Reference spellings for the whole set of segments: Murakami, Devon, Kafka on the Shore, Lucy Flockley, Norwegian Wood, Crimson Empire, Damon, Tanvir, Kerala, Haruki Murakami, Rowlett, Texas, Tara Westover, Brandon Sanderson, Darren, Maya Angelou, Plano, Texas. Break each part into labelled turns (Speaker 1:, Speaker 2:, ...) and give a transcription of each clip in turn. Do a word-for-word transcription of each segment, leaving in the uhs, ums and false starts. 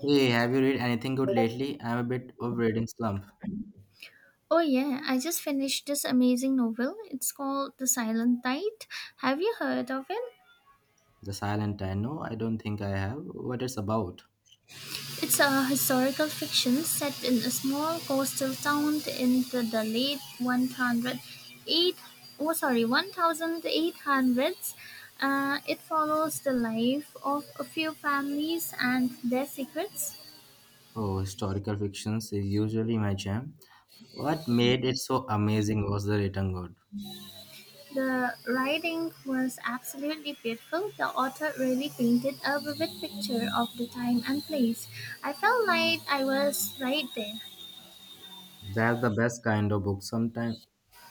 Speaker 1: Hey, have you read anything good lately? I'm a bit of reading slump.
Speaker 2: Oh, yeah, I just finished this amazing novel. It's called The Silent Tide. Have you heard of it?
Speaker 1: The Silent I know, I don't think I have. What it's about?
Speaker 2: It's a historical fiction set in a small coastal town in the, the late one oh eight oh sorry eighteen hundreds. Uh, it follows the life of a few families and their secrets.
Speaker 1: Oh, historical fictions is usually my jam. What made it so amazing was the written good.
Speaker 2: The writing was absolutely beautiful. The author really painted a vivid picture of the time and place. I felt like I was right there.
Speaker 1: That's the best kind of book. Sometimes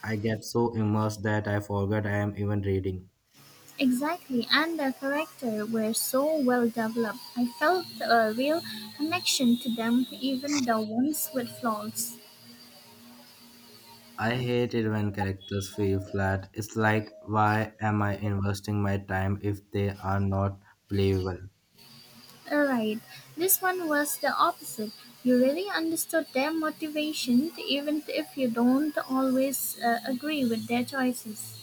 Speaker 1: I get so immersed that I forget I am even reading.
Speaker 2: Exactly, and the characters were so well developed. I felt a real connection to them, even the ones with flaws.
Speaker 1: I hate it when characters feel flat. It's like, why am I investing my time if they are not believable?
Speaker 2: Alright, this one was the opposite. You really understood their motivation, even if you don't always uh, agree with their choices.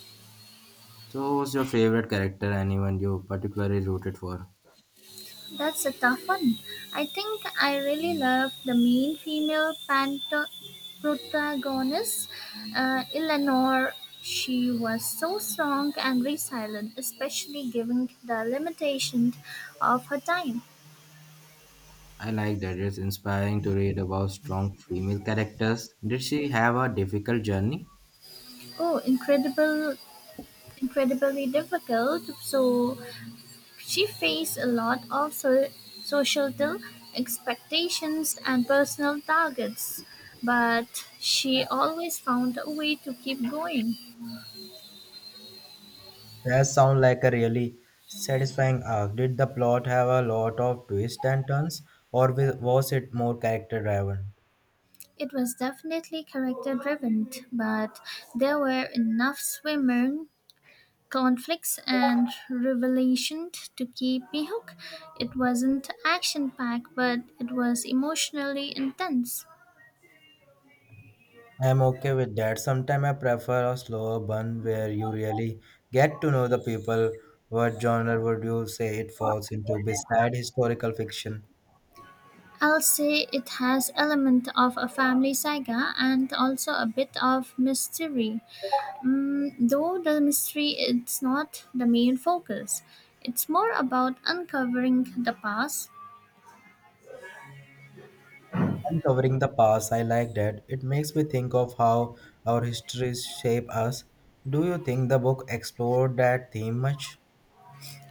Speaker 1: So, who's your favorite character, anyone you particularly rooted for?
Speaker 2: That's a tough one. I think I really love the main female panto- protagonist, uh, Eleanor. She was so strong and resilient, especially given the limitations of her time.
Speaker 1: I like that it's inspiring to read about strong female characters. Did she have a difficult journey?
Speaker 2: Oh, incredible, incredibly difficult. So she faced a lot of so- societal expectations and personal targets, but she always found a way to keep going.
Speaker 1: That sounds like a really satisfying arc. Did the plot have a lot of twists and turns, or wi- was it more character driven?
Speaker 2: It was definitely character driven, but there were enough swimmer conflicts and revelations to keep me hooked. It wasn't action packed, but it was emotionally intense.
Speaker 1: I'm okay with that. Sometimes I prefer a slower burn where you really get to know the people. What genre would you say it falls into beside historical fiction?
Speaker 2: I'll say it has element of a family saga and also a bit of mystery. Mm, though the mystery is not the main focus. It's more about uncovering the past.
Speaker 1: Uncovering the past, I like that. It makes me think of how our histories shape us. Do you think the book explored that theme much?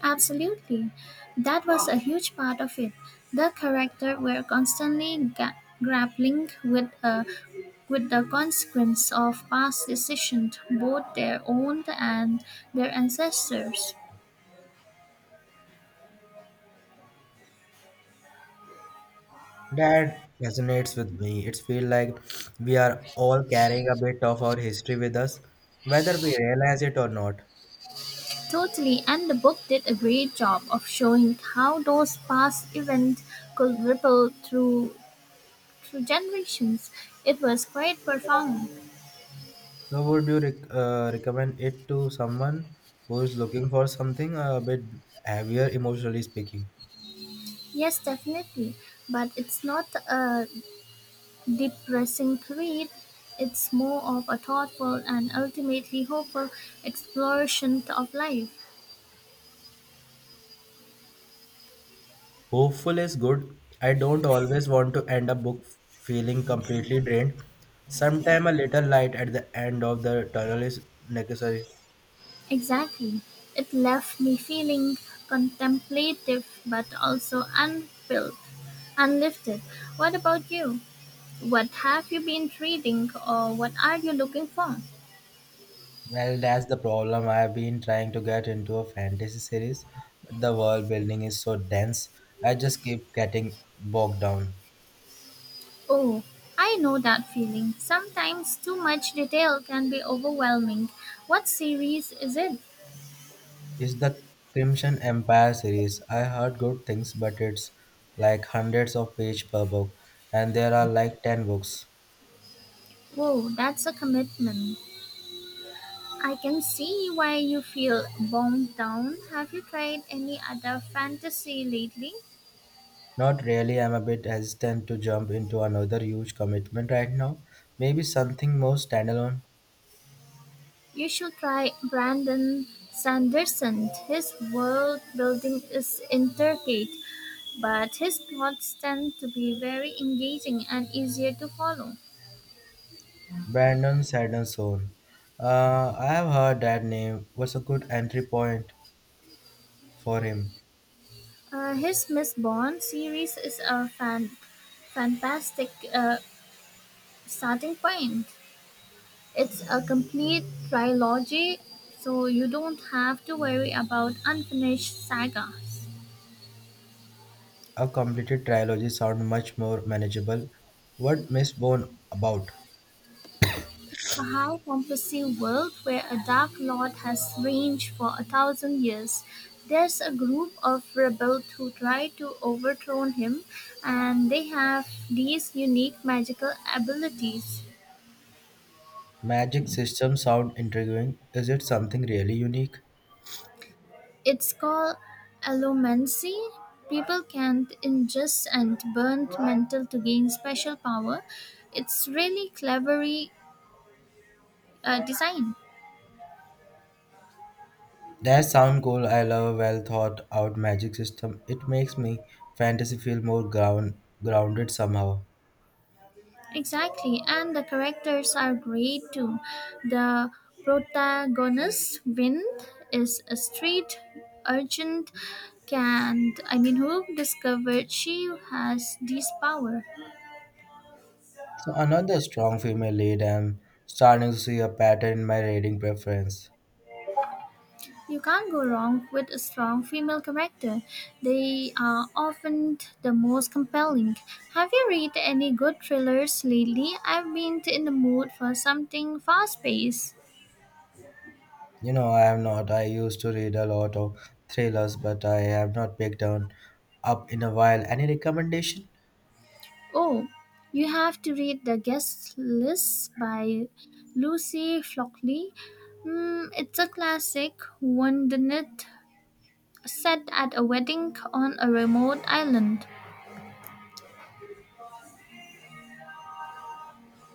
Speaker 2: Absolutely. That was a huge part of it. The characters were constantly ga- grappling with uh, with the consequence of past decisions, both their own and their ancestors.
Speaker 1: That resonates with me. It feels like we are all carrying a bit of our history with us, whether we realize it or not.
Speaker 2: Totally, and the book did a great job of showing how those past events could ripple through through generations. It was quite profound.
Speaker 1: So, would you rec- uh, recommend it to someone who is looking for something a bit heavier, emotionally speaking?
Speaker 2: Yes, definitely, but it's not a depressing read, it's more of a thoughtful and ultimately hopeful exploration of life.
Speaker 1: Hopeful is good. I don't always want to end a book feeling completely drained. Sometime a little light at the end of the tunnel is necessary.
Speaker 2: Exactly. It left me feeling contemplative but also unfilled, unlifted. What about you? What have you been reading or what are you looking for?
Speaker 1: Well, that's the problem. I've been trying to get into a fantasy series, but the world building is so dense, I just keep getting bogged down.
Speaker 2: Oh, I know that feeling. Sometimes too much detail can be overwhelming. What series is it?
Speaker 1: It's the Crimson Empire series. I heard good things, but it's like hundreds of pages per book, and there are like ten books.
Speaker 2: Whoa, that's a commitment. I can see why you feel bogged down. Have you tried any other fantasy lately?
Speaker 1: Not really, I'm a bit hesitant to jump into another huge commitment right now. Maybe something more standalone.
Speaker 2: You should try Brandon Sanderson. His world building is intricate, but his plots tend to be very engaging and easier to follow.
Speaker 1: Brandon Sanderson. Uh, I have heard that name was a good entry point for him.
Speaker 2: Uh, his Miss Bond series is a fan- fantastic uh, starting point. It's a complete trilogy, so you don't have to worry about unfinished sagas.
Speaker 1: A completed trilogy sound much more manageable. What Miss Bone about?
Speaker 2: A high fantasy world where a dark lord has reigned for a thousand years. There's a group of rebels who try to overthrow him, and they have these unique magical abilities.
Speaker 1: Magic system sound intriguing. Is it something really unique?
Speaker 2: It's called allomancy. People can ingest and burn metal to gain special power. It's really cleverly uh, design.
Speaker 1: That sound cool. I love a well thought out magic system. It makes me fantasy feel more ground grounded somehow.
Speaker 2: Exactly, and the characters are great too. The protagonist, Wind, is a street urchin, can I mean who discovered she has this power.
Speaker 1: So another strong female lead I'm starting to see a pattern in my reading preference.
Speaker 2: You can't go wrong with a strong female character. They are often the most compelling. Have you read any good thrillers lately? I've been in the mood for something fast-paced.
Speaker 1: You know, I am not. I used to read a lot of thrillers, but I have not picked on up in a while. Any recommendation?
Speaker 2: Oh, you have to read The Guest List by Lucy Flockley. Mm, it's a classic, wouldn't it set at a wedding on a remote island.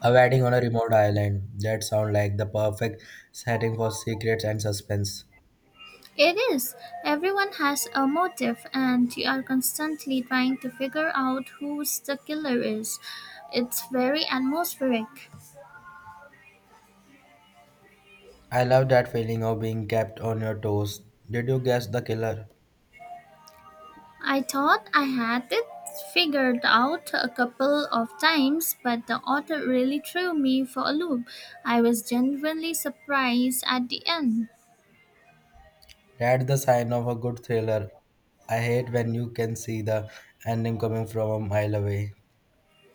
Speaker 1: A wedding on a remote island. That sounds like the perfect setting for secrets and suspense.
Speaker 2: It is. Everyone has a motive, and you are constantly trying to figure out who the killer is. It's very atmospheric.
Speaker 1: I love that feeling of being kept on your toes. Did you guess the killer?
Speaker 2: I thought I had it figured out a couple of times, but the author really threw me for a loop. I was genuinely surprised at the end.
Speaker 1: That's the sign of a good thriller. I hate when you can see the ending coming from a mile away.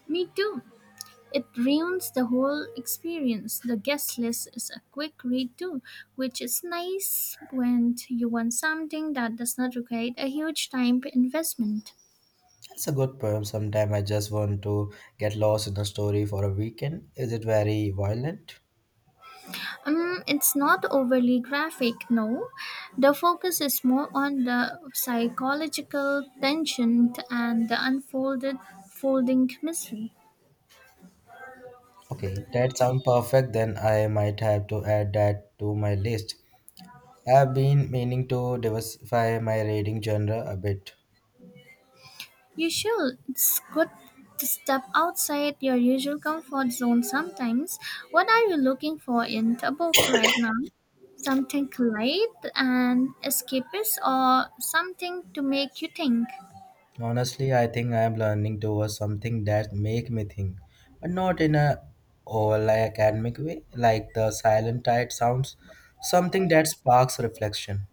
Speaker 2: Me too. It ruins the whole experience. The guest list is a quick read too, which is nice when you want something that does not require a huge time investment.
Speaker 1: It's a good poem. Sometime I just want to get lost in a story for a weekend. Is it very violent?
Speaker 2: Um, it's not overly graphic, no. The focus is more on the psychological tension and the unfolded folding mystery.
Speaker 1: Okay, that sounds perfect. Then I might have to add that to my list. I've been meaning to diversify my reading genre a bit.
Speaker 2: You should. It's good to step outside your usual comfort zone sometimes. What are you looking for in a book right now? Something light and escapist or something to make you think?
Speaker 1: Honestly, I think I am learning towards something that make me think, but not in a all academic way, like the silent tide sounds. Something that sparks reflection.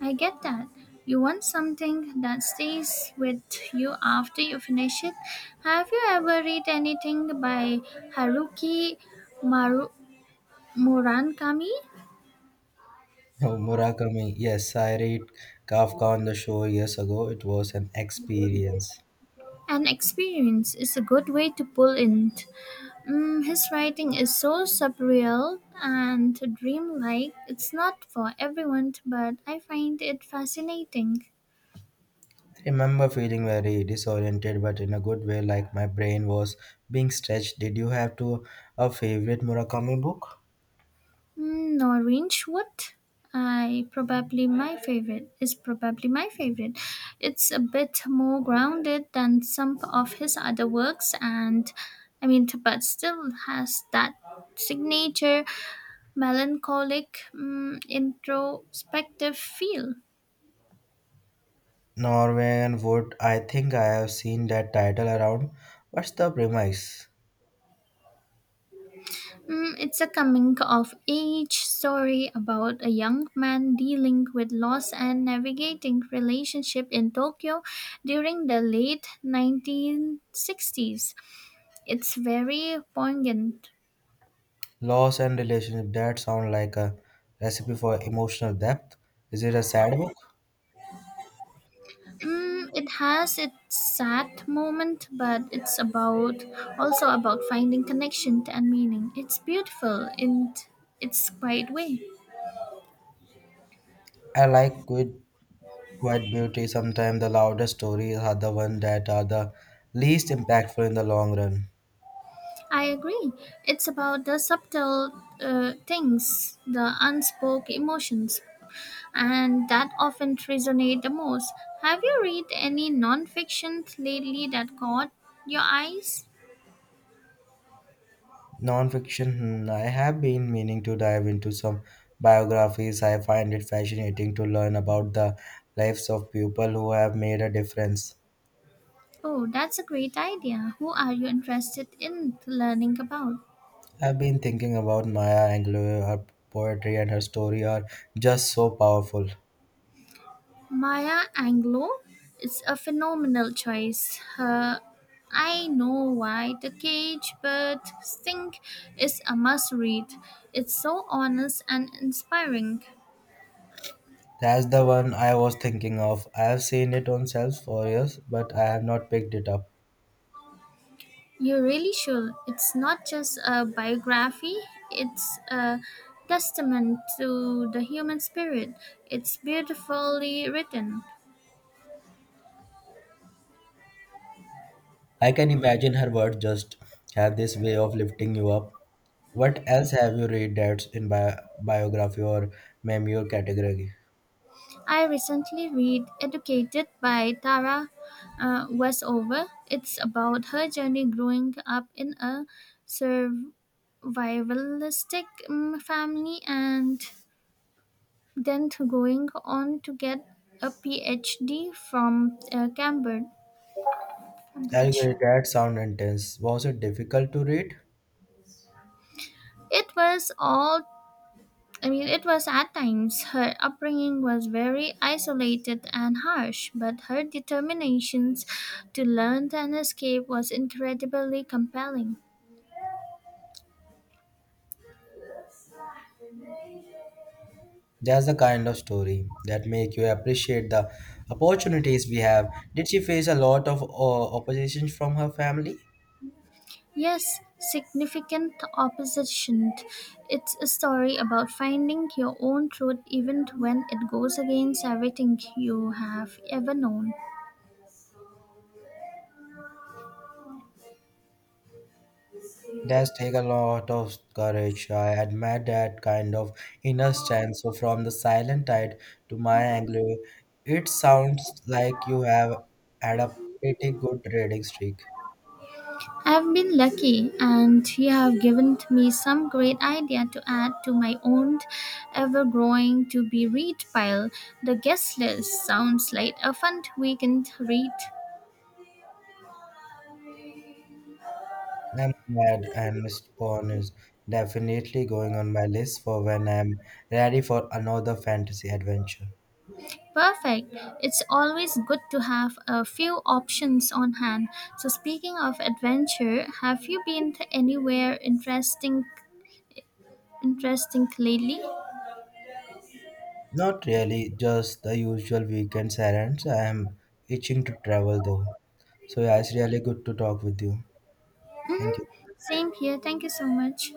Speaker 2: I get that. You want something that stays with you after you finish it. Have you ever read anything by Haruki Maru- Murakami?
Speaker 1: Oh, Murakami. Yes, I read Kafka on the shore years ago. It was an experience.
Speaker 2: An experience is a good way to pull in. Mm, his writing is so surreal and dreamlike. It's not for everyone, but I find it fascinating.
Speaker 1: I remember feeling very disoriented, but in a good way, like my brain was being stretched. Did you have to a favorite Murakami book?
Speaker 2: Mm, orange, what I probably my favorite is probably my favorite. It's a bit more grounded than some of his other works, and I mean but still has that signature melancholic mm, introspective feel.
Speaker 1: Norwegian Wood. I think I have seen that title around. What's the premise?
Speaker 2: Mm, it's a coming of age story about a young man dealing with loss and navigating relationship in Tokyo during the late nineteen sixties. It's very poignant.
Speaker 1: Loss and relationship. That sound like a recipe for emotional depth. Is it a sad book?
Speaker 2: Mm, it has its sad moment, but it's about also about finding connection and meaning. It's beautiful in its quiet way.
Speaker 1: I like good Quiet beauty, sometimes the loudest stories are the ones that are the least impactful in the long run.
Speaker 2: I agree. It's about the subtle uh, things, the unspoke emotions, and that often resonate the most. Have you read any nonfiction lately that caught your eyes?
Speaker 1: Nonfiction, hmm, I have been meaning to dive into some biographies. I find it fascinating to learn about the lives of people who have made a difference.
Speaker 2: Oh, that's a great idea. Who are you interested in learning about?
Speaker 1: I've been thinking about Maya Angelou, her poetry and her story are just so powerful.
Speaker 2: Maya Angelou is a phenomenal choice. Her I Know Why the Cage but Sing is a must read. It's so honest and inspiring.
Speaker 1: That's the one I was thinking of. I have seen it on shelves for years, but I have not picked it up.
Speaker 2: You really should. It's not just a biography, it's a testament to the human spirit. It's beautifully written.
Speaker 1: I can imagine her words just have this way of lifting you up. What else have you read that's in bi biography or memoir category?
Speaker 2: I recently read Educated by Tara uh, Westover. It's about her journey growing up in a survivalistic um, family and then to going on to get a PhD from uh, Cambridge.
Speaker 1: I
Speaker 2: Cambridge.
Speaker 1: get that sound intense. Was it difficult to read?
Speaker 2: It was all I mean, it was at times. Her upbringing was very isolated and harsh, but her determinations to learn and escape was incredibly compelling.
Speaker 1: That's the kind of story that make you appreciate the opportunities we have. Did she face a lot of uh, opposition from her family?
Speaker 2: Yes, significant opposition. It's a story about finding your own truth even when it goes against everything you have ever known.
Speaker 1: That's take a lot of courage. I admire that kind of inner strength. So from the silent tide to my Anglo, it sounds like you have had a pretty good rating streak.
Speaker 2: I've been lucky, and you have given me some great idea to add to my own ever-growing to-be-read pile. The guest list sounds like a fun weekend read.
Speaker 1: I'm glad and mister Pawn is definitely going on my list for when I'm ready for another fantasy adventure.
Speaker 2: Perfect. It's always good to have a few options on hand. So speaking of adventure, have you been to anywhere interesting interesting lately?
Speaker 1: Not really, just the usual weekend errands. I am itching to travel though. So yeah, it's really good to talk with you. Thank
Speaker 2: Hmm.
Speaker 1: you.
Speaker 2: Same here. Thank you so much.